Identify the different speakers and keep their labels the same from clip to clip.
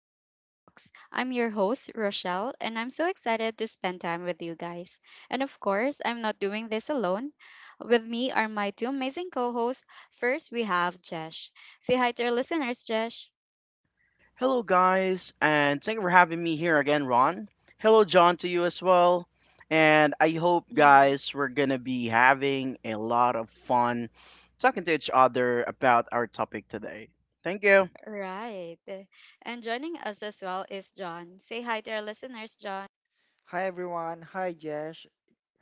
Speaker 1: to our talks. I'm your host, Rochelle, and I'm so excited to spend time with you guys. And of course, I'm not doing this alone. With me are my two amazing co hosts. First, we have Jesh. Say hi to our listeners, Jesh.
Speaker 2: Hello, guys, and thank you for having me here again, Ron. Hello, John, to you as well. And I hope,
Speaker 1: Hmm.
Speaker 2: guys, we're gonna be having a lot of fun talking to each other about our topic today. Thank you.
Speaker 1: Right. And joining us as well is John. Say hi to our listeners, John.
Speaker 3: Hi everyone. Hi Jesh.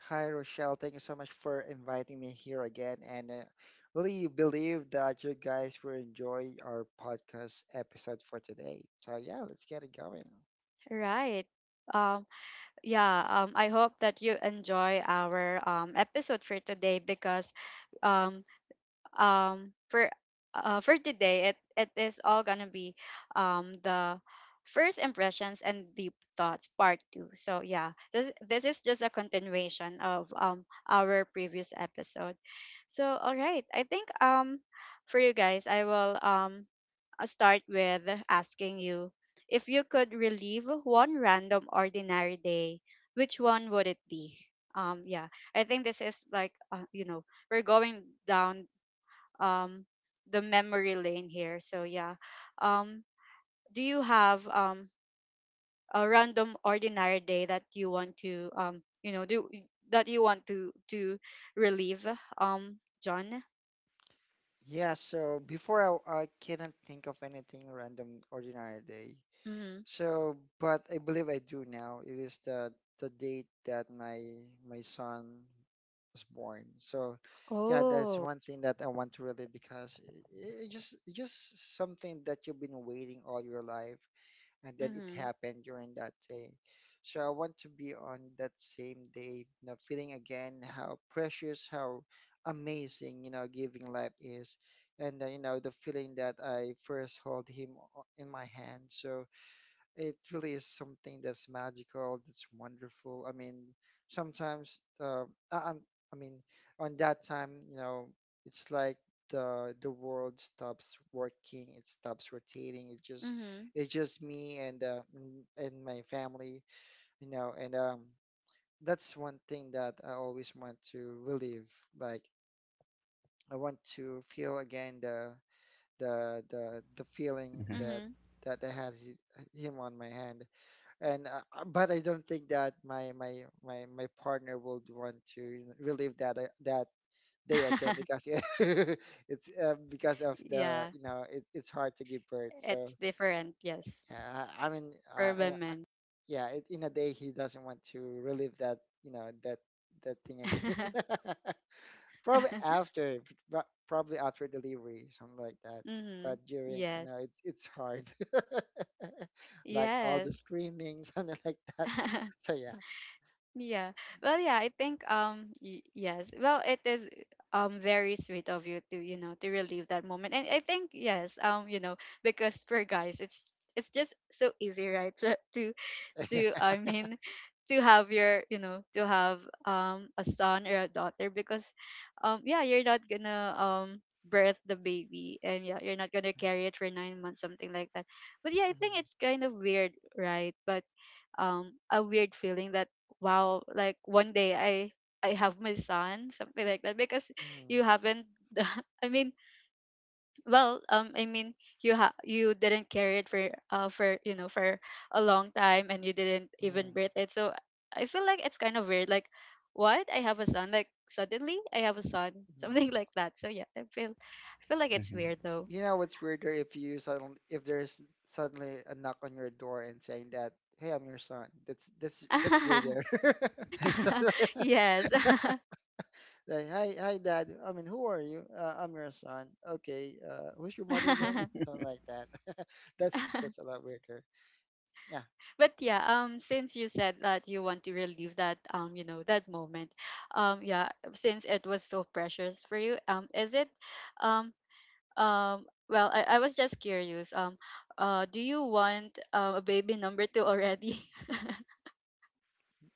Speaker 3: Hi Rochelle. Thank you so much for inviting me here again. And really believe that you guys will enjoy our podcast episode for today. So yeah, let's get it going.
Speaker 1: Right. Um, yeah, I hope that you enjoy our episode for today because um, um for for today it is all gonna be the first impressions and deep thoughts part two. So yeah, this is just a continuation of our previous episode. So all right, I think for you guys I will start with asking you, if you could relive one random ordinary day, which one would it be? Yeah, I think this is like, you know, we're going down um the memory lane here. So yeah. Um do you have a random ordinary day that you want to, you know, do, that you want to relieve, um John?
Speaker 3: Yeah. So before I cannot think of anything random ordinary day.
Speaker 1: Mhm.
Speaker 3: So, but I believe I do now. It is the date that my son was born. So, yeah, that's
Speaker 1: Oh.
Speaker 3: one thing that I want to relate because it, it just something that you've been waiting all your life, and then it
Speaker 1: Mhm.
Speaker 3: happened during that day. So I want to be on that same day, you know, feeling again how precious, how amazing, you know, giving life is, and you know the feeling that I first hold him in my hand. So it really is something that's magical, that's wonderful. I mean, sometimes I, I'm- I mean, on that time, you know, it's like the world stops working, it stops rotating. It just
Speaker 1: Mhm.
Speaker 3: it's just me and and my family, you know, and that's one thing that I always want to relive. Like I want to feel again the feeling
Speaker 2: Hmm.
Speaker 3: that
Speaker 1: Mhm.
Speaker 3: I had him on my hand and but I don't think that my partner would want to relive that day again because it it's because of the
Speaker 1: Yeah,
Speaker 3: you know it's hard to give birth. So
Speaker 1: it's different, yes,
Speaker 3: yeah, I mean,
Speaker 1: for women.
Speaker 3: yeah, it, in a day he doesn't want to relive that you know that thing again. Probably after, pro- probably after delivery, something like that.
Speaker 1: Mhm.
Speaker 3: But during, you know,
Speaker 1: Yes.
Speaker 3: it's hard, like all the
Speaker 1: Yes.
Speaker 3: screaming, something like that. So yeah.
Speaker 1: Yeah. Well, yeah, I think yes. Well, it is very sweet of you to, you know, to relive that moment. And I think yes, you know, because for guys, it's just so easy, right? To I mean, to have your, you know, to have a son or a daughter because yeah, you're not gonna birth the baby, and yeah, you're not gonna carry it for 9 months, something like that. But yeah, I think
Speaker 3: Mhm,
Speaker 1: it's kind of weird, right? But a weird feeling that, wow, like one day I have my son, something like that because
Speaker 3: mhm,
Speaker 1: you haven't. i mean I mean, you you didn't carry it for a long time, and you didn't
Speaker 3: mhm,
Speaker 1: even birth it. So I feel like it's kind of weird, like, what, I have a son? Like, suddenly I have a son,
Speaker 3: mhm.
Speaker 1: something like that. So yeah, I feel like it's
Speaker 2: Hmm.
Speaker 3: Y-
Speaker 1: weird though.
Speaker 3: You know what's weirder if you suddenly if there's suddenly a knock on your door and saying that, "Hey, I'm your son." That's weirder.
Speaker 1: Yes.
Speaker 3: Like, hi, hi, dad. I mean, who are you? I'm your son. Okay. Who's your mother again? Something like that. That's a lot weirder. Yeah.
Speaker 1: But yeah, since you said that you want to relive that, you know, that moment, yeah, since it was so precious for you, um, I was just curious, do you want a baby number two already?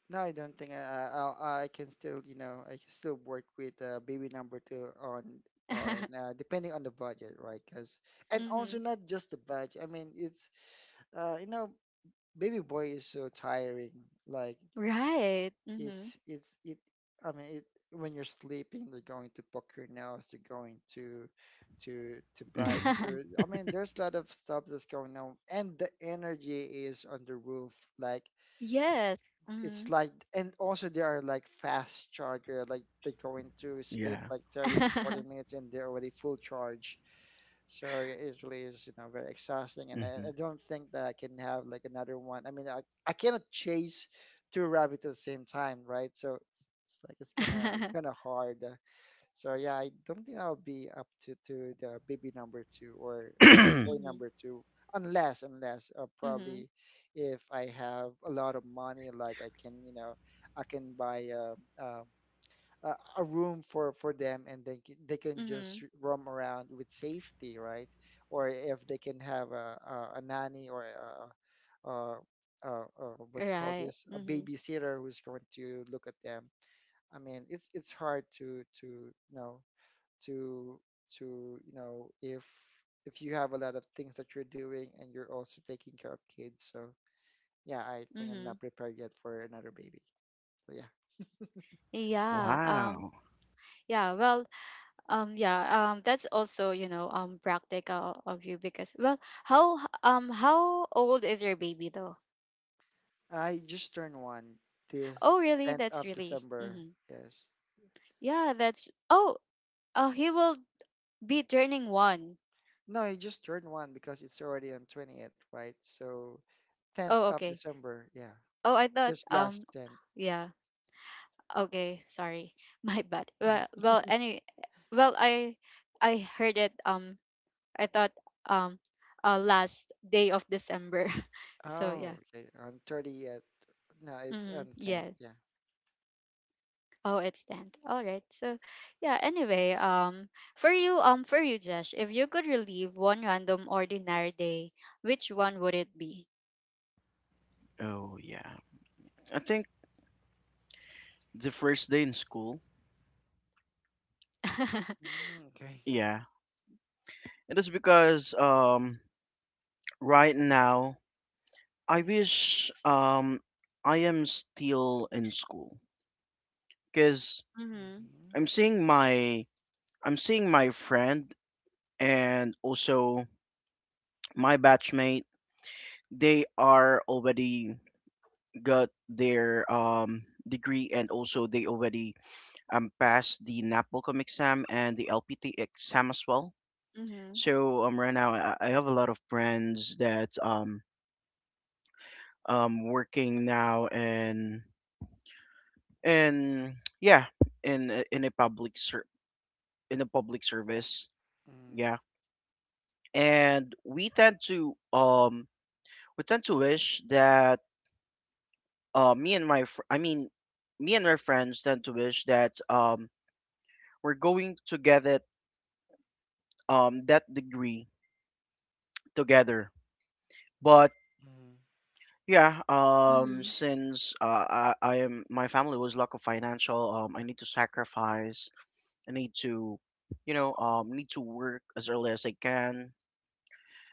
Speaker 3: No, I don't think I can still you know I can still work with baby number two on depending on the budget, right? Because and
Speaker 1: Mm-hmm.
Speaker 3: also not just the budget. I mean, it's you know baby boy is so tiring. Like
Speaker 1: Right. Mm-hmm.
Speaker 3: it's it I mean it when you're sleeping they're going to poke your nose they're going to to bite
Speaker 2: Hmm.
Speaker 3: your I mean there's a lot of stuff that's going on and the energy is on the roof like
Speaker 1: Yes. Mm-hmm.
Speaker 3: it's like and also they are like fast charger like they're going to sleep
Speaker 2: Yeah.
Speaker 3: like 30 to 40 minutes and they're already full charge so it really is, you know, very exhausting, and I don't think that I can have like another one. I mean, I cannot chase two rabbits at the same time, right? So it's like it's kind of hard. So yeah, I don't think I'll be up to the baby number two or
Speaker 2: Hmm.
Speaker 3: boy
Speaker 1: Mm-hmm.
Speaker 3: number two, unless
Speaker 1: Mm-hmm.
Speaker 3: probably if I have a lot of money, like I can, you know, I can buy a a room for them and then they can just
Speaker 1: Mm-hmm.
Speaker 3: roam around with safety right or if they can have a nanny or a, a what you call
Speaker 1: Right.
Speaker 3: this a
Speaker 1: Mm-hmm.
Speaker 3: babysitter who's going to look at them I mean it's hard to you know to to you know if you have a lot of things that you're doing and you're also taking care of kids so yeah I think I'm
Speaker 1: Mm-hmm.
Speaker 3: not prepared yet for another baby so yeah.
Speaker 1: Yeah.
Speaker 2: Wow.
Speaker 1: Yeah. Well, yeah, that's also, you know, practical of you because, well, how old is your baby though?
Speaker 3: I just turned one
Speaker 1: Oh,
Speaker 3: this
Speaker 1: really?
Speaker 3: 10th
Speaker 1: That's
Speaker 3: of
Speaker 1: really.
Speaker 3: December.
Speaker 1: Hmm
Speaker 3: Yes.
Speaker 1: Yeah, that's Oh, He will be turning 1.
Speaker 3: No, I just turned one because it's already on 28th, right? So 10th
Speaker 1: Oh,
Speaker 3: of
Speaker 1: okay.
Speaker 3: December. Yeah.
Speaker 1: Oh, I thought
Speaker 3: Just last 10th.
Speaker 1: yeah. Okay, sorry. My bad. Well, I heard it, I thought um last day of December. So
Speaker 3: Oh,
Speaker 1: yeah.
Speaker 3: okay. On 30th. No, it's
Speaker 1: Mm-hmm.
Speaker 3: on 10th.
Speaker 1: Yes.
Speaker 3: Yeah.
Speaker 1: Oh, it's Dante. All right. So, yeah, anyway, for you, Josh, if you could relive one random ordinary day, which one would it be?
Speaker 2: Oh, yeah. I think the first day in school.
Speaker 3: Mm, okay.
Speaker 2: Yeah. It is because right now I wish I am still in school, because
Speaker 1: Mhm.
Speaker 3: Mm-hmm.
Speaker 2: I'm seeing my I'm seeing my friend and also my batchmate. They are already got their degree, and also they already passed the NAPOLCOM exam and the LPT exam as well.
Speaker 1: Mhm.
Speaker 2: So right now I have a lot of friends that working now, and yeah, in a- in a public ser- in a public service.
Speaker 3: Mm,
Speaker 2: Yeah. And we tend to wish that me and my fr- I mean, me and my friends tend to wish that we're going to get it, that degree, together. But
Speaker 3: mm,
Speaker 2: yeah,
Speaker 1: Mhm.
Speaker 2: since I am my family was lack of financial, I need to sacrifice. I need to work as early as I can.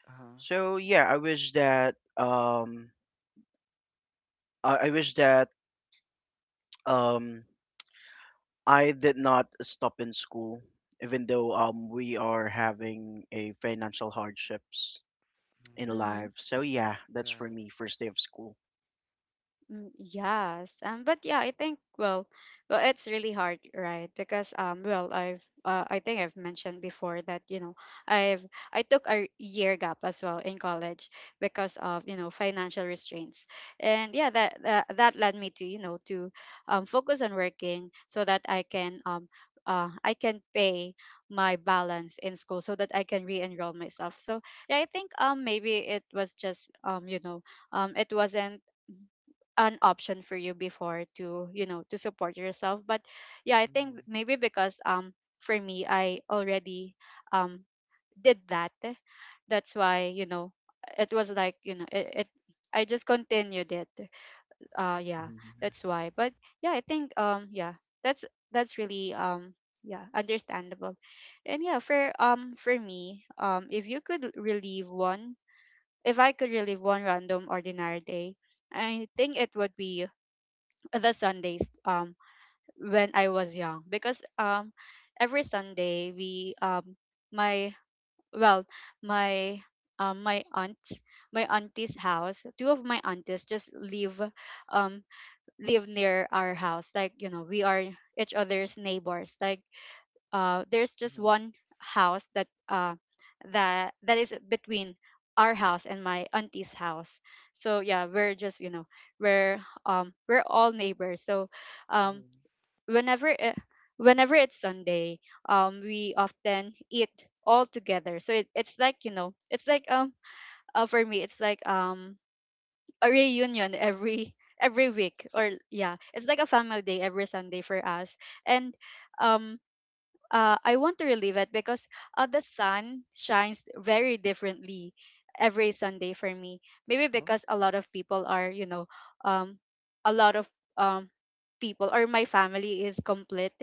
Speaker 3: uh-huh.
Speaker 2: So yeah, I wish that I, I wish that um I did not stop in school, even though we are having a financial hardships in
Speaker 3: Mm,
Speaker 1: Mhm.
Speaker 2: life. So yeah, that's
Speaker 3: yeah.
Speaker 2: for me first day of school.
Speaker 1: Mm. Yes, but yeah, I think, well, it's really hard, right? Because well, I think I've mentioned before that, you know, I've I took a year gap as well in college because of, you know, financial restraints, and yeah, that led me to, you know, to focus on working so that I can pay my balance in school so that I can re-enroll myself. So yeah, I think maybe it was just you know, it wasn't an option for you before to, you know, to support yourself. But yeah, I think
Speaker 3: Mm,
Speaker 1: maybe because for me I already um did that, that's why, you know, it was like, you know, it I just continued it. Yeah, that's why. But yeah, I think yeah, that's that's really, yeah, understandable. And yeah, for me, if you could relieve one- if I could relieve one random ordinary day, I think it would be the Sundays when I was young because every Sunday we- my well my um my aunt my auntie's house- two of my aunties just live, um live near our house, like, you know, we are each other's neighbors. Like, there's just
Speaker 3: mm,
Speaker 1: one house that- that is between our house and my auntie's house. So yeah, we're just, you know, we're we're all neighbors. So um
Speaker 3: mm.
Speaker 1: whenever it, whenever it's Sunday, we often eat all together. So it's like, you know, it's like, for me, it's like, a reunion every- every week,
Speaker 3: So,
Speaker 1: or yeah, it's like a family day every Sunday for us. And um, I want to relive it because the sun shines very differently every Sunday for me. Maybe
Speaker 3: oh.
Speaker 1: because a lot of people are, you know, um, a lot of um, people, or my family is complete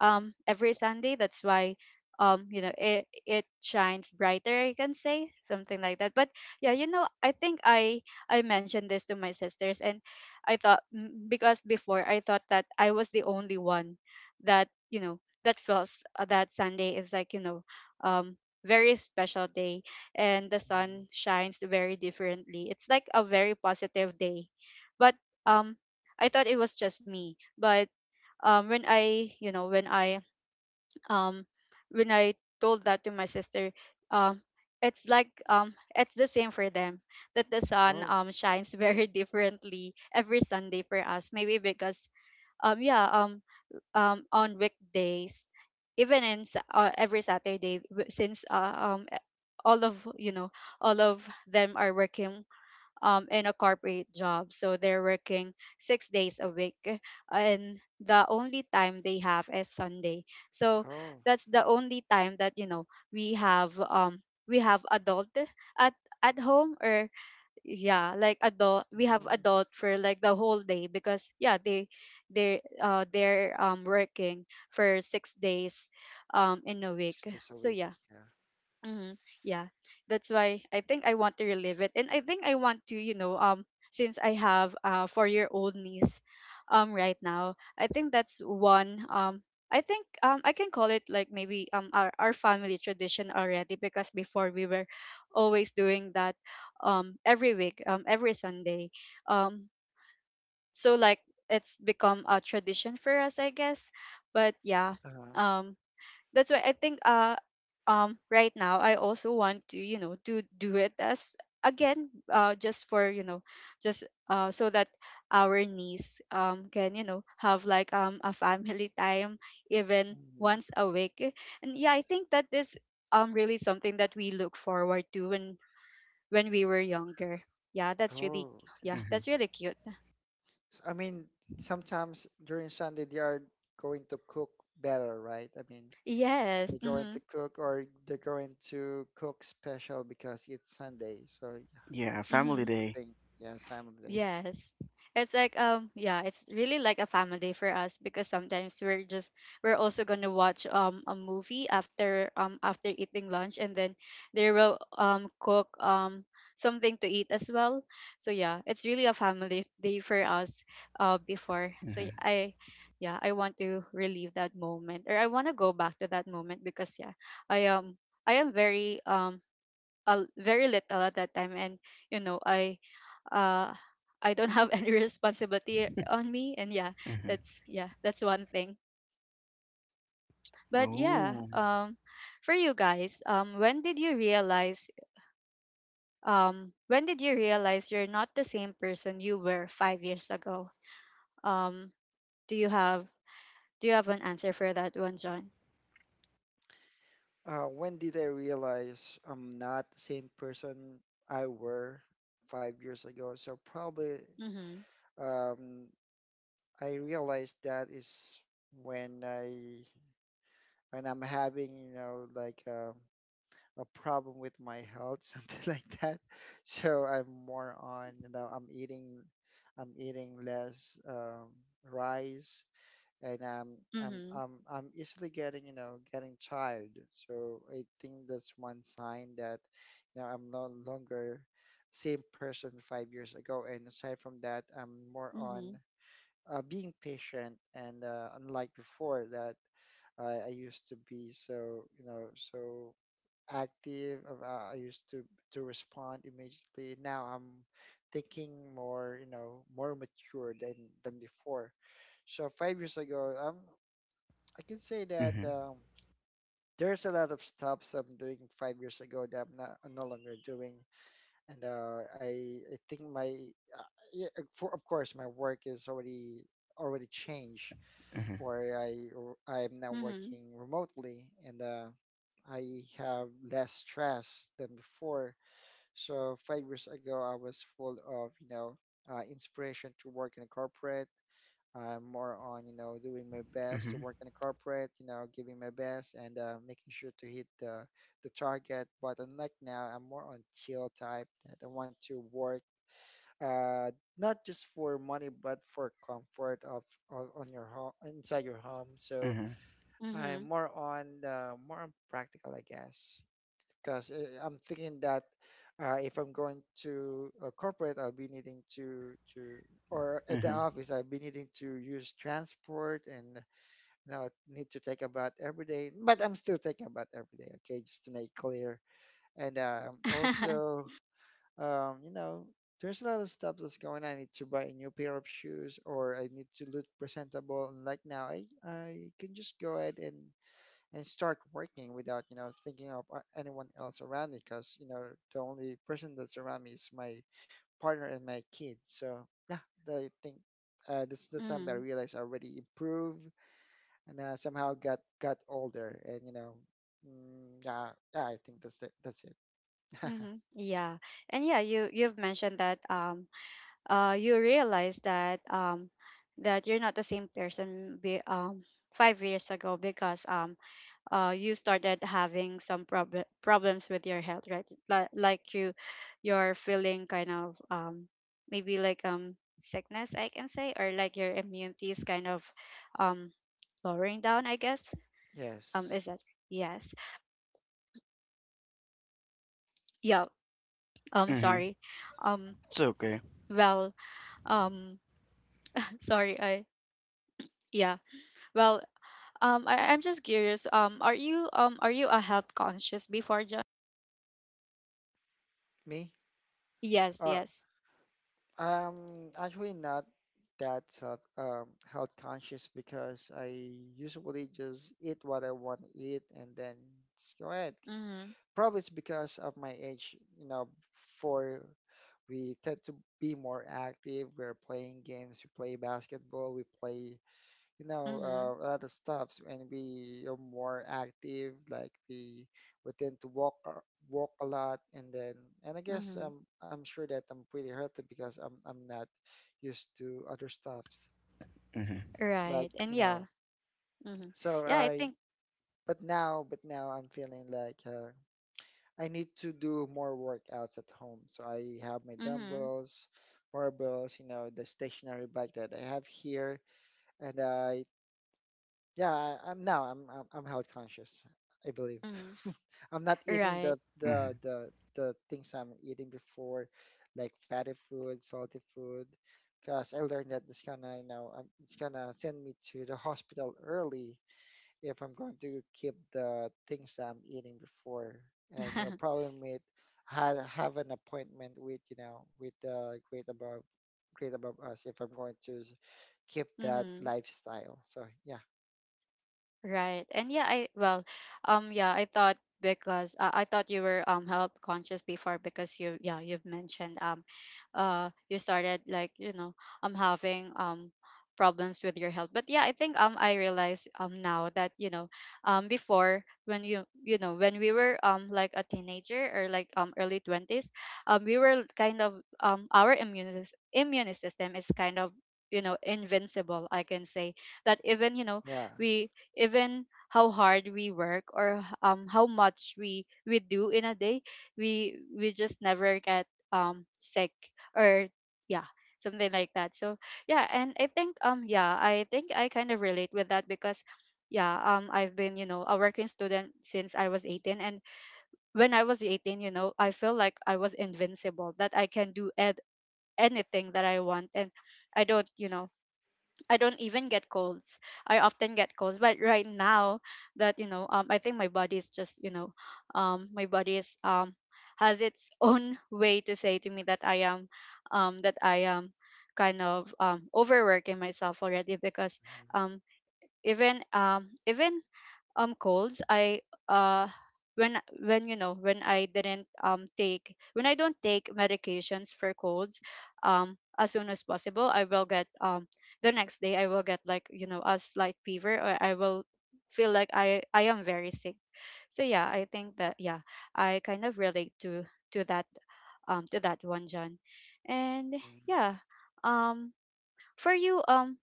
Speaker 1: every Sunday. That's why, you know, it shines brighter, I can say, something like that. But yeah, you know, I think I mentioned this to my sisters. And I thought, because before I thought that I was the only one that, you know, that feels, that Sunday is like, you know, um, very special day, and the
Speaker 3: Mm,
Speaker 1: sun shines very differently. It's like a very positive day. But um, I thought it was just me. But when I, you know, um, when I told that to my sister, um, it's like, it's the same for them, that the sun
Speaker 3: oh.
Speaker 1: shines very differently every Sunday for us. Maybe because um yeah um on weekdays, even in every Saturday, since all of, you know, all of them are working in a corporate job, so they're working 6 days a week, and the only time they have is Sunday. So
Speaker 3: Oh.
Speaker 1: that's the only time that, you know, we have um we have adult at at home, or yeah, like, adult, we have
Speaker 3: Mm,
Speaker 1: adult for like the whole day because yeah, they're working for 6 days in a week,
Speaker 3: 6 days a
Speaker 1: so
Speaker 3: week.
Speaker 1: yeah.
Speaker 3: Yeah.
Speaker 1: Mm-hmm. Yeah, that's why I think I want to relive it. And I think I want to, you know, since I have a 4-year-old niece, right now, I think that's one. I think, I can call it like maybe our family tradition already because before we were always doing that, every week, every Sunday, um, so like, it's become a tradition for us, I guess. But yeah,
Speaker 3: Uh-huh.
Speaker 1: um that's why I think, right now, I also want to, you know, to do it as- again, just for, you know, just, so that our niece can, you know, have like a family time even
Speaker 3: Mm.
Speaker 1: once a week, and yeah, I think that is really something that we look forward to when we were younger. Yeah, that's really-
Speaker 3: Oh, okay.
Speaker 1: yeah, that's
Speaker 2: Mm-hmm.
Speaker 1: really cute.
Speaker 3: I mean, sometimes during Sunday they are going to cook better, right? I mean,
Speaker 1: Yes.
Speaker 3: they're going
Speaker 1: Mm-hmm.
Speaker 3: to cook or they're going to cook special because it's Sunday. So yeah,
Speaker 2: Yeah,
Speaker 3: that's,
Speaker 2: family
Speaker 1: Mm-hmm.
Speaker 3: that's the
Speaker 2: day.
Speaker 3: thing. Yeah, family day.
Speaker 1: Yes. It's like, yeah, it's really like a family day for us because sometimes we're also gonna watch a movie after after eating lunch, and then they will cook something to eat as well. So yeah, it's really a family day for us before. So
Speaker 2: Mm-hmm.
Speaker 1: y- I Yeah, I want to relive that moment, or I want to go back to that moment because yeah, I am very very little at that time, and you know, uh I don't have any responsibility on me. And yeah,
Speaker 2: Mm-hmm.
Speaker 1: that's yeah, that's one thing. But yeah,
Speaker 2: Oh.
Speaker 1: for you guys, when did you realize you're not the same person you were 5 years ago? um do you have do you have an answer for that one, John?
Speaker 3: When did I realize I'm not the same person I were 5 years ago? So probably
Speaker 1: Mhm.
Speaker 3: um, I realized that is when I when I'm having you know like. A problem with my health, something like that. So I'm more on, you know, I'm eating less rice, and
Speaker 1: Mhm.
Speaker 3: I'm easily getting, you know, getting tired. So I think that's one sign that, you know, I'm no longer same person 5 years ago. And aside from that, I'm more on
Speaker 1: Mhm.
Speaker 3: being patient, and unlike before that. I used to be so, you know, so active. I used to respond immediately. Now I'm thinking more, you know, more mature than before. So 5 years ago, I can say that
Speaker 2: Mm-hmm.
Speaker 3: there's a lot of stuff I'm doing 5 years ago that I'm no longer doing, and uh, I think my uh, yeah, for of course my work is already changed
Speaker 2: Mm-hmm.
Speaker 3: where I'm now
Speaker 1: Mhm.
Speaker 3: working remotely and I have less stress than before. So 5 years ago, I was full of you know inspiration to work in a corporate. I'm more on you know doing my best to
Speaker 2: Mm-hmm.
Speaker 3: work in a corporate, you know giving my best and making sure to hit the target. But unlike now, I'm more on chill type that I want to work. Uh, not just for money but for comfort of on your home inside your home so
Speaker 2: Mm-hmm.
Speaker 3: I'm
Speaker 1: Mhm.
Speaker 3: more on the more on practical, I guess, because I'm thinking that if I'm going to a corporate, I'll be needing to or at the
Speaker 2: Mm-hmm.
Speaker 3: office, I'll be needing to use transport and you know need to take a bath every day. But I'm still taking a bath every day, okay, just to make clear. And also, you know, there's a lot of stuff that's going on. I need to buy a new pair of shoes, or I need to look presentable. And like now, I can just go ahead and start working without you know thinking of anyone else around me because you know the only person that's around me is my partner and my kid so yeah I think this is the time that I
Speaker 1: Mhm.
Speaker 3: realized I already improved and somehow got older and you know mm, yeah, yeah I think that's it.
Speaker 1: Mhm. Yeah. And yeah, you've mentioned that, you realize that, that you're not the same person 5 years ago because, you started having some problems with your health, right? Like, you're feeling kind of, maybe like sickness, I can say, or like your immunity is kind of, um, lowering down, I guess.
Speaker 3: Yes.
Speaker 1: Is that- yes? Yeah.
Speaker 2: Mm-hmm.
Speaker 1: Sorry. Um,
Speaker 2: It's okay.
Speaker 1: well, um, sorry. I Yeah. Well, I'm just curious. Are you are you a health conscious before, John?
Speaker 3: Me?
Speaker 1: Yes,
Speaker 3: Uh,
Speaker 1: yes.
Speaker 3: Actually not that self, health conscious because I usually just eat what I want to eat and then just go ahead.
Speaker 1: Mm-hmm.
Speaker 3: Probably it's because of my age, you know, for we tend to be more active. We're playing games, we play basketball, we play you know,
Speaker 1: Mm-hmm.
Speaker 3: a lot of stuffs when we are more active, like we tend to walk walk a lot, and then and I guess
Speaker 1: Mm-hmm.
Speaker 3: I'm sure that I'm pretty healthy because I'm not used to other stuffs
Speaker 2: Mm-hmm.
Speaker 1: Right.
Speaker 3: like
Speaker 1: And
Speaker 3: you
Speaker 1: yeah.
Speaker 3: know.
Speaker 1: Mm-hmm.
Speaker 3: So
Speaker 1: Yeah, I
Speaker 3: I
Speaker 1: think.
Speaker 3: but now I'm feeling like I need to do more workouts at home. So I have my
Speaker 1: Mm-hmm.
Speaker 3: dumbbells, barbells, you know, the stationary bike that I have here and I. Yeah, I'm now I'm health conscious, I believe.
Speaker 1: Mm-hmm.
Speaker 3: I'm not eating
Speaker 1: Right.
Speaker 3: the the
Speaker 2: Mm-hmm.
Speaker 3: the the things I'm eating before, like fatty food, salty food, because I learned that it's gonna you know it's gonna send me to the hospital early if I'm going to keep the things I'm eating before, and you know probably meet have an appointment with you know with the great above us if I'm going to keep that
Speaker 1: Mm-hmm.
Speaker 3: lifestyle. So yeah,
Speaker 1: Right. And yeah, I well, yeah, I thought because I thought you were health conscious before because you've mentioned you started having problems with your health. But yeah, I realize now that before when when we were like a teenager or like early 20s, we were kind of our immune system is kind of invincible, I can say that.
Speaker 3: yeah.
Speaker 1: We Even how hard we work or how much we do in a day, we just never get sick or yeah, something like that. So yeah, and I think I kind of relate with that because yeah, I've been, you know, a working student since I was 18, and when I was 18, you know, I feel like I was invincible, that I can anything that I want. And i don't you know I don't even get colds. I often get colds, but right now I think my body is just, my body is has its own way to say to me that that I am kind of overworking myself already. Because
Speaker 3: Mhm,
Speaker 1: um even colds, I uh when you know when I didn't take when I don't take medications for colds as soon as possible, I will get the next day I will get like, you know, a slight fever, or I will feel like I am very sick. So yeah, I think that yeah, I kind of relate to that, to that one, John. And
Speaker 3: mhm,
Speaker 1: yeah, um for you um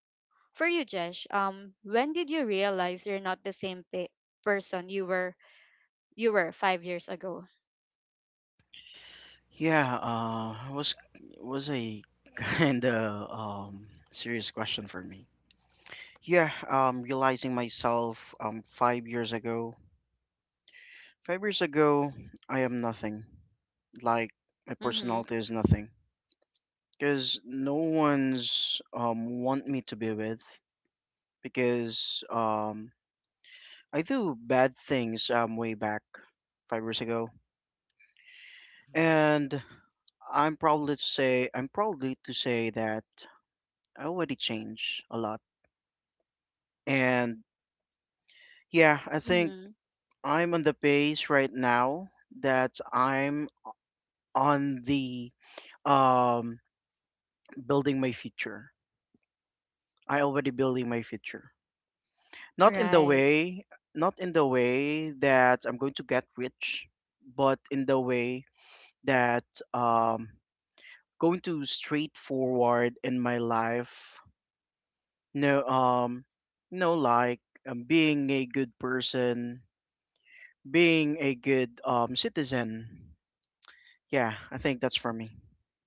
Speaker 1: for you, Jesh, when did you realize you're not the person you were 5 years ago?
Speaker 2: Yeah. It was a kind of serious question for me. Yeah. Realizing myself 5 years ago. 5 years ago, I am nothing. Like, my
Speaker 1: Mm-hmm.
Speaker 2: personality is nothing, because no one's want me to be with. Because I do bad things, way back 5 years ago,
Speaker 3: mhm,
Speaker 2: and I'm proudly to say that I already changed a lot. And yeah, I think
Speaker 1: Mm-hmm.
Speaker 2: I'm on the pace right now, that I'm on the um building my future I already building my future. Not in the
Speaker 1: Right.
Speaker 2: way, not in the way that I'm going to get rich, but in the way that um going to straightforward in my life. No, no, like, being a good person, being a good citizen. Yeah, I think that's for me.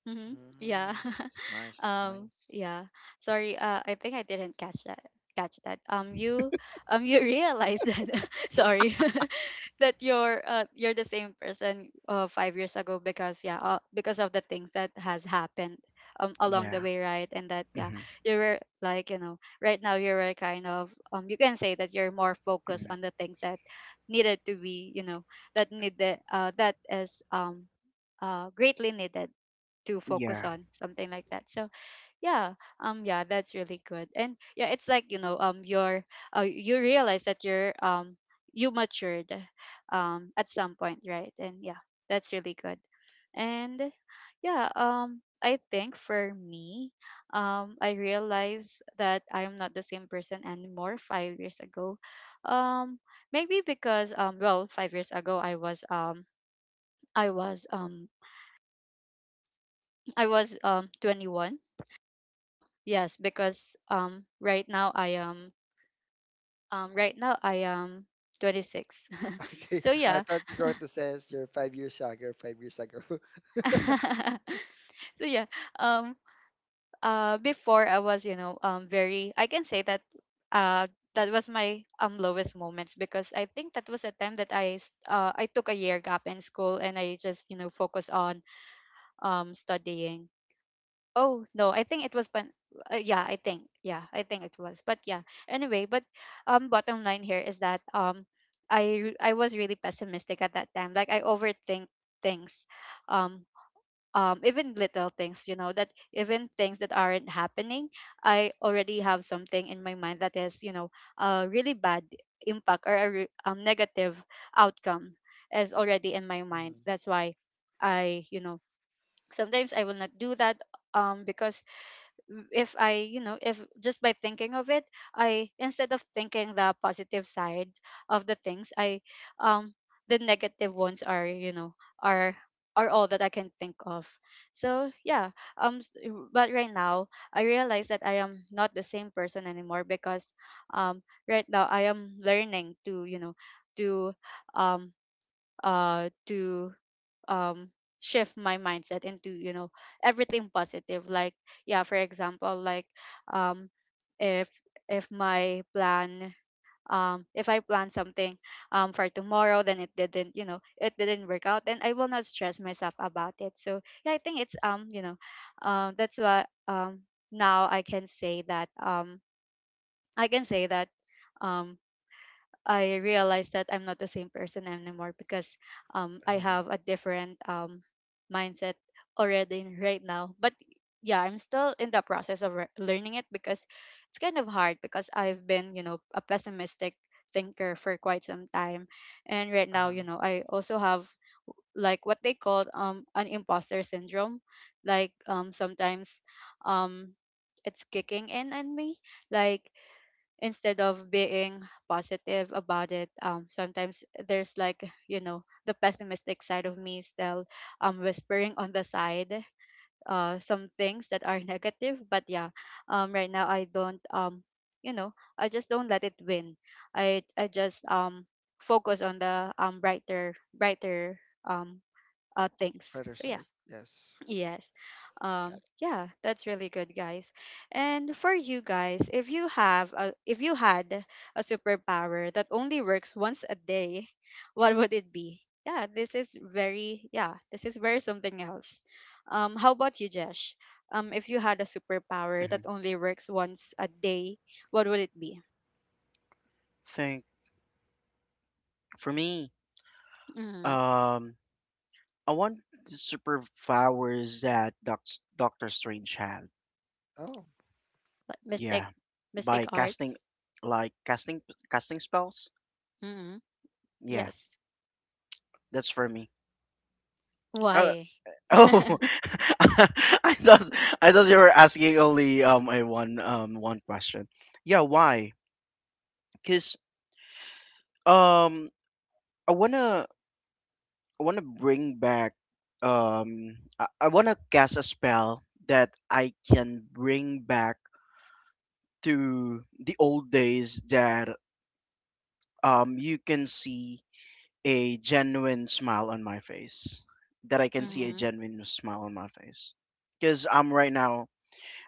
Speaker 1: Mhm. Yeah.
Speaker 3: mhm. Nice, nice.
Speaker 1: Yeah. Sorry. I think I didn't catch that. Catch that. You realize that, sorry, that you're, you're the same person 5 years ago. Because yeah, because of the things that has happened along the
Speaker 2: Yeah.
Speaker 1: way, right? And that yeah,
Speaker 2: Hmm.
Speaker 1: you were, like, you know, right now you were kind of, you can say that you're more focused on the things that needed to be, you know, that need the, that is greatly needed to focus
Speaker 2: Yeah.
Speaker 1: on, something like that. So yeah, yeah that's really good. And yeah, it's like, you know, you're you realize that you matured at some point, right? And yeah, that's really good. And yeah, I think for me, I realized that I am not the same person anymore 5 years ago. um Maybe because, well, 5 years ago I was I was I was 21. Yes, because right now I am, right now I am 26.
Speaker 3: Okay,
Speaker 1: So
Speaker 3: I
Speaker 1: yeah.
Speaker 3: thought you were going to say you're 5 years younger, 5 years ago.
Speaker 1: So yeah, um before I was, you know, very, I can say that, uh that was my lowest moments, because I think that was a time that I took a year gap in school and I just, you know, focus on studying. Oh no, I think it was pan. I think it was. But yeah, anyway, but bottom line here is that, I I was really pessimistic at that time. Like, I overthink things, um, even little things. You know, that even things that aren't happening, I already have something in my mind that is, you know, a really bad impact, or a negative outcome is already in my mind.
Speaker 3: Mhm,
Speaker 1: That's why I you know sometimes I will not do that, because if I, you know, if just by thinking of it, I, instead of thinking the positive side of the things, I, um the negative ones are, you know, are are all that I can think of. So yeah, um, s- but right now I realize that I am not the same person anymore, because um right now I am learning to, you know, to um to um shift my mindset into, you know, everything positive. Like, yeah, for example, like, um if if my plan, if I plan something for tomorrow, then it didn't, you know, it didn't work out, then I will not stress myself about it. So yeah, I think it's, um, you know, that's why, now I can say that, um I realized that I'm not the same person anymore, because I
Speaker 3: uh-huh,
Speaker 1: have a different mindset already right now. But yeah, I'm still in the process of learning it, because it's kind of hard, because I've been, you know, a pessimistic thinker for quite some time. And right now,
Speaker 3: uh-huh.
Speaker 1: you know, I also have like what they call an imposter syndrome. Like, sometimes, um it's kicking in on me. Like, instead of being positive about it, sometimes there's, like, you know, the pessimistic side of me still whispering on the side some things that are negative. But yeah, right now I don't you know I just don't let it win. I just focus on the brighter, brighter um things.
Speaker 3: Other
Speaker 1: So yeah,
Speaker 3: side, yes.
Speaker 1: yes.
Speaker 3: Got it.
Speaker 1: Yeah, that's really good, guys. And for you guys, if you had a superpower that only works once a day, what would it be? Yeah, this is very, yeah, this is very something else. How about you, Jesh? If you had a superpower
Speaker 2: Hmm.
Speaker 1: that only works once a day, what would it be?
Speaker 2: Think for me.
Speaker 1: Mm,
Speaker 2: Um. I want the superpowers that Doctor Strange had.
Speaker 3: Oh,
Speaker 1: but mystic
Speaker 2: Yeah, by
Speaker 1: mystic
Speaker 2: casting,
Speaker 1: arts?
Speaker 2: like, casting spells.
Speaker 1: Mm,
Speaker 2: Yeah,
Speaker 1: yes.
Speaker 2: that's for me. Uh,
Speaker 1: Why?
Speaker 2: oh, I thought I thought you were asking only a one question. Yeah, why? Cause um I wanna I wanna bring back I wanna cast a spell that I can bring back to the old days, that you can see a genuine smile on my face. That I can see
Speaker 3: oh,
Speaker 2: a
Speaker 1: Mm-hmm.
Speaker 2: genuine smile on my face. Because I'm right now,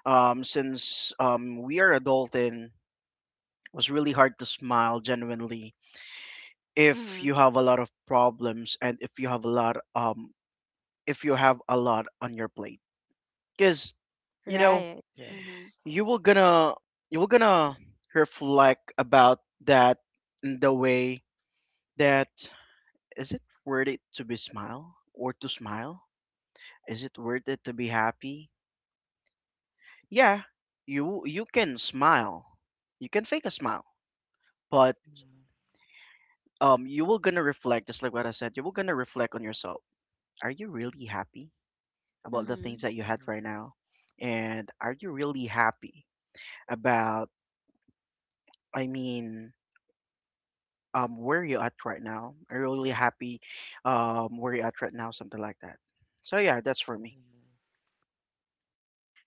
Speaker 2: um, since we are adulting, it was really hard to smile genuinely if
Speaker 1: Mm-hmm.
Speaker 2: you have a lot of problems, and if you have a lot, if you have a lot on your plate. Because you know
Speaker 1: Right. Mm-hmm.
Speaker 3: yes,
Speaker 2: you will gonna you will gonna reflect about that, in the way that: is it worth it to smile? Is it worth it to be happy? Yeah, you can smile. You can fake a smile, but
Speaker 3: mhm,
Speaker 2: you will gonna reflect, just like what I said, you will gonna reflect on yourself. Are you really happy about the things
Speaker 1: Mm-hmm.
Speaker 2: that you had
Speaker 3: mhm,
Speaker 2: right now? And are you really happy about, I mean, where you at right now? Are you really happy where you at right now? Something like that. So yeah, that's for me.
Speaker 3: mhm,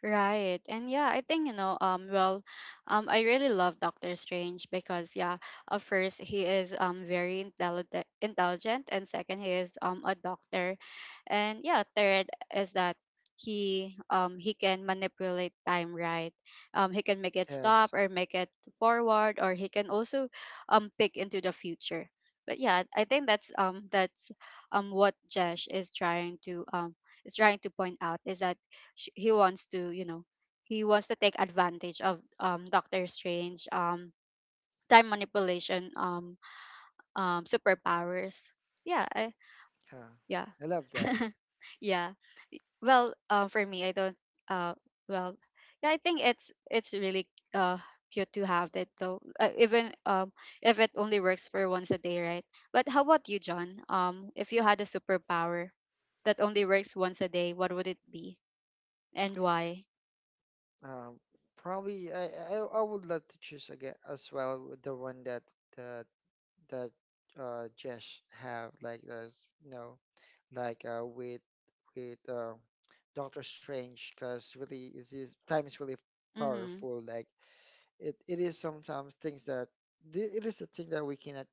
Speaker 1: Right. And yeah, I think, you know, I really love Doctor Strange because yeah, first he is very intelligent, and second he is a doctor. And yeah, third is that he can manipulate time, right? He can make it
Speaker 3: yes,
Speaker 1: stop, or make it forward, or he can also pick into the future. But yeah, I think that's what Jesh is trying to, is trying to point out, is that sh he wants to, you know, he wants to take advantage of Doctor Strange time manipulation, superpowers. yeah I,
Speaker 3: yeah.
Speaker 1: yeah.
Speaker 3: I love that.
Speaker 1: Yeah. For me, I don't uh well yeah, I think it's really uh cute to have that though, even if it only works for once a day, right? But how about you, John? If you had a superpower that only works once a day, what would it be? And why?
Speaker 3: Um, probably I would love to choose again as well with the one that the that just have like this you know like with Doctor Strange because really it is time is really
Speaker 1: Mm-hmm.
Speaker 3: powerful like it is sometimes things that it is a thing that we cannot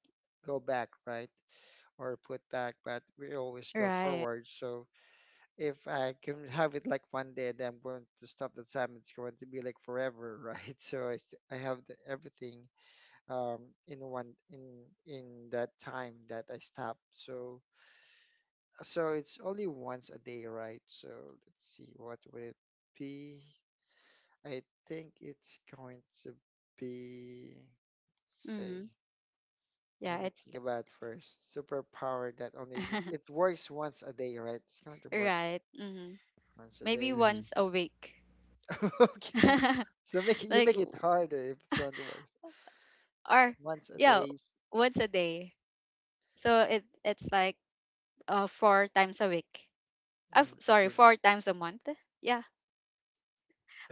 Speaker 3: go back right or put back but we always go
Speaker 1: Right.
Speaker 3: forward so if I can have it like one day then I'm going to stop the time it's going to be like forever right so I have everything um, in one in that time that I stopped. So so it's only once a day, right? So let's see, what would it be? I think it's going to be
Speaker 1: Mm-hmm.
Speaker 3: say.
Speaker 1: Yeah,
Speaker 3: Let me
Speaker 1: it's
Speaker 3: think about first. Superpower that only it works once a day, right? It's going to work
Speaker 1: right. Mm-hmm.
Speaker 3: once a
Speaker 1: Maybe
Speaker 3: day.
Speaker 2: Mm-hmm.
Speaker 1: once a week.
Speaker 3: Okay. So make it you
Speaker 1: Like
Speaker 3: make it
Speaker 1: w-
Speaker 3: harder if it's going to work
Speaker 1: or
Speaker 3: once a
Speaker 1: yeah,
Speaker 3: day.
Speaker 1: once a day. So it it's like four times a week. Uh, f-
Speaker 3: Mm,
Speaker 1: sorry,
Speaker 3: okay.
Speaker 1: four times a month. Yeah.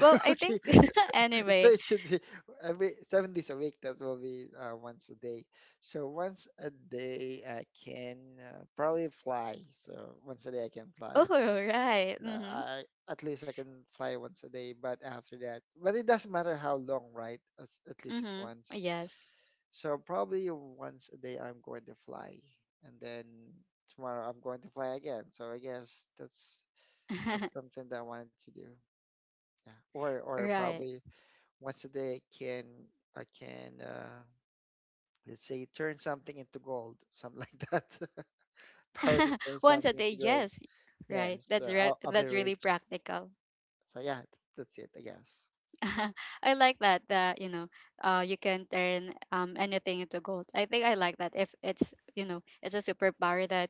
Speaker 1: Well, I
Speaker 3: okay.
Speaker 1: think
Speaker 3: So
Speaker 1: anyway.
Speaker 3: it should be every 7 days a week. That will be once a day. So once a day, I can probably fly. So once a day, I can fly.
Speaker 1: Oh, right. Mm-hmm.
Speaker 3: I at least I can fly once a day. But after that, but it doesn't matter how long, right? At least it's
Speaker 1: Mm-hmm.
Speaker 3: once.
Speaker 1: Yes.
Speaker 3: So probably once a day, I'm going to fly, and then tomorrow I'm going to fly again. So I guess that's something that I wanted to do. Yeah, or
Speaker 1: Right.
Speaker 3: probably once a day I can I can uh, let's say turn something into gold, something like that. Power to turn
Speaker 1: Once a
Speaker 3: something
Speaker 1: day,
Speaker 3: into gold.
Speaker 1: yes. Right.
Speaker 3: Yes, I'll be
Speaker 1: That's really
Speaker 3: rich.
Speaker 1: practical.
Speaker 3: So yeah, that's it, I guess.
Speaker 1: I like that, that, you know, you can turn anything into gold. I think I like that, if it's, you know, it's a superpower that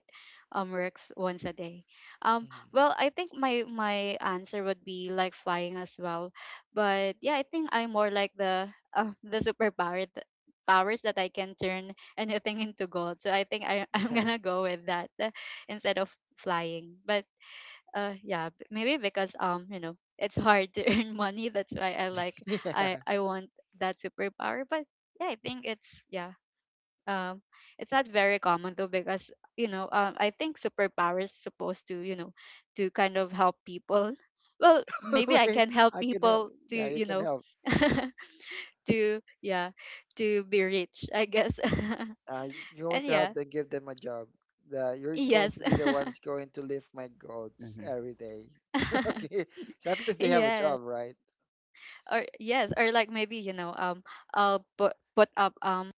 Speaker 1: works once a day. Um
Speaker 3: Mhm.
Speaker 1: well, I think my my answer would be like flying as well. But yeah, I think I'm more like the the superpower that powers that I can turn anything into gold. So I think I, I'm gonna go with that, instead of flying. But yeah, maybe because, you know, it's hard to earn money, that's why I like,
Speaker 3: Yeah,
Speaker 1: I want that superpower. But yeah, I think it's, yeah, um it's not very common though, because, you know, I think superpower is supposed to, you know, to kind of help people. Well, maybe I
Speaker 3: yeah.
Speaker 1: can help
Speaker 3: I can help.
Speaker 1: people to,
Speaker 3: Yeah, you
Speaker 1: you
Speaker 3: can
Speaker 1: know,
Speaker 3: help.
Speaker 1: to yeah, to be rich, I guess.
Speaker 3: You're going
Speaker 1: And
Speaker 3: to help
Speaker 1: yeah,
Speaker 3: them give them a job. The, you're going
Speaker 1: yes.
Speaker 3: to be the ones going to lift my goals
Speaker 2: Mm-hmm.
Speaker 3: every day. Okay, so at least they have a job,
Speaker 1: Yes,
Speaker 3: right?
Speaker 1: or yes, or like, maybe, you know, i'll put put up um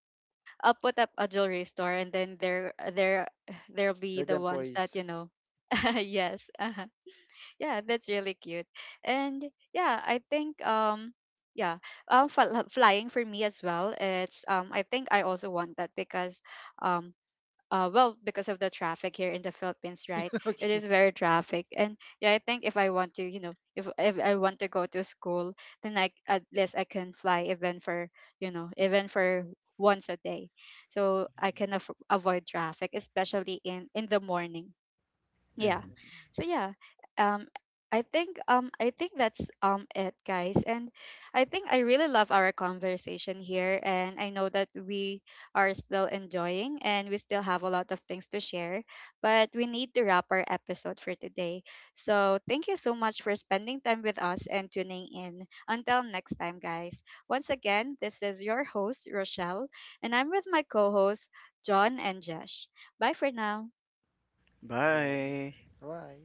Speaker 1: I'll put up a jewelry store, and then there there'll be
Speaker 3: They're the
Speaker 1: the ones that,
Speaker 3: employees.
Speaker 1: you know, yes. Yeah, that's really cute. And yeah, I think, yeah flying for me as well, it's I think I also want that because, um well, because of the traffic here in the Philippines, right? It
Speaker 3: Okay.
Speaker 1: is very traffic. And yeah, I think if I want to, you know, if I want to go to school, then I at least I can fly even for, you know, even for once a day, so I can
Speaker 3: Mhm.
Speaker 1: avoid traffic, especially in the morning. Yeah.
Speaker 3: Mm.
Speaker 2: Mm-hmm.
Speaker 1: So yeah, um I think that's it, guys. And I think I really love our conversation here, and I know that we are still enjoying and we still have a lot of things to share, but we need to wrap our episode for today. So thank you so much for spending time with us and tuning in. Until next time, guys, once again, this is your host Rochelle, and I'm with my co-hosts John and Josh. Bye for now.
Speaker 3: Vai,
Speaker 2: Bye.
Speaker 3: vai.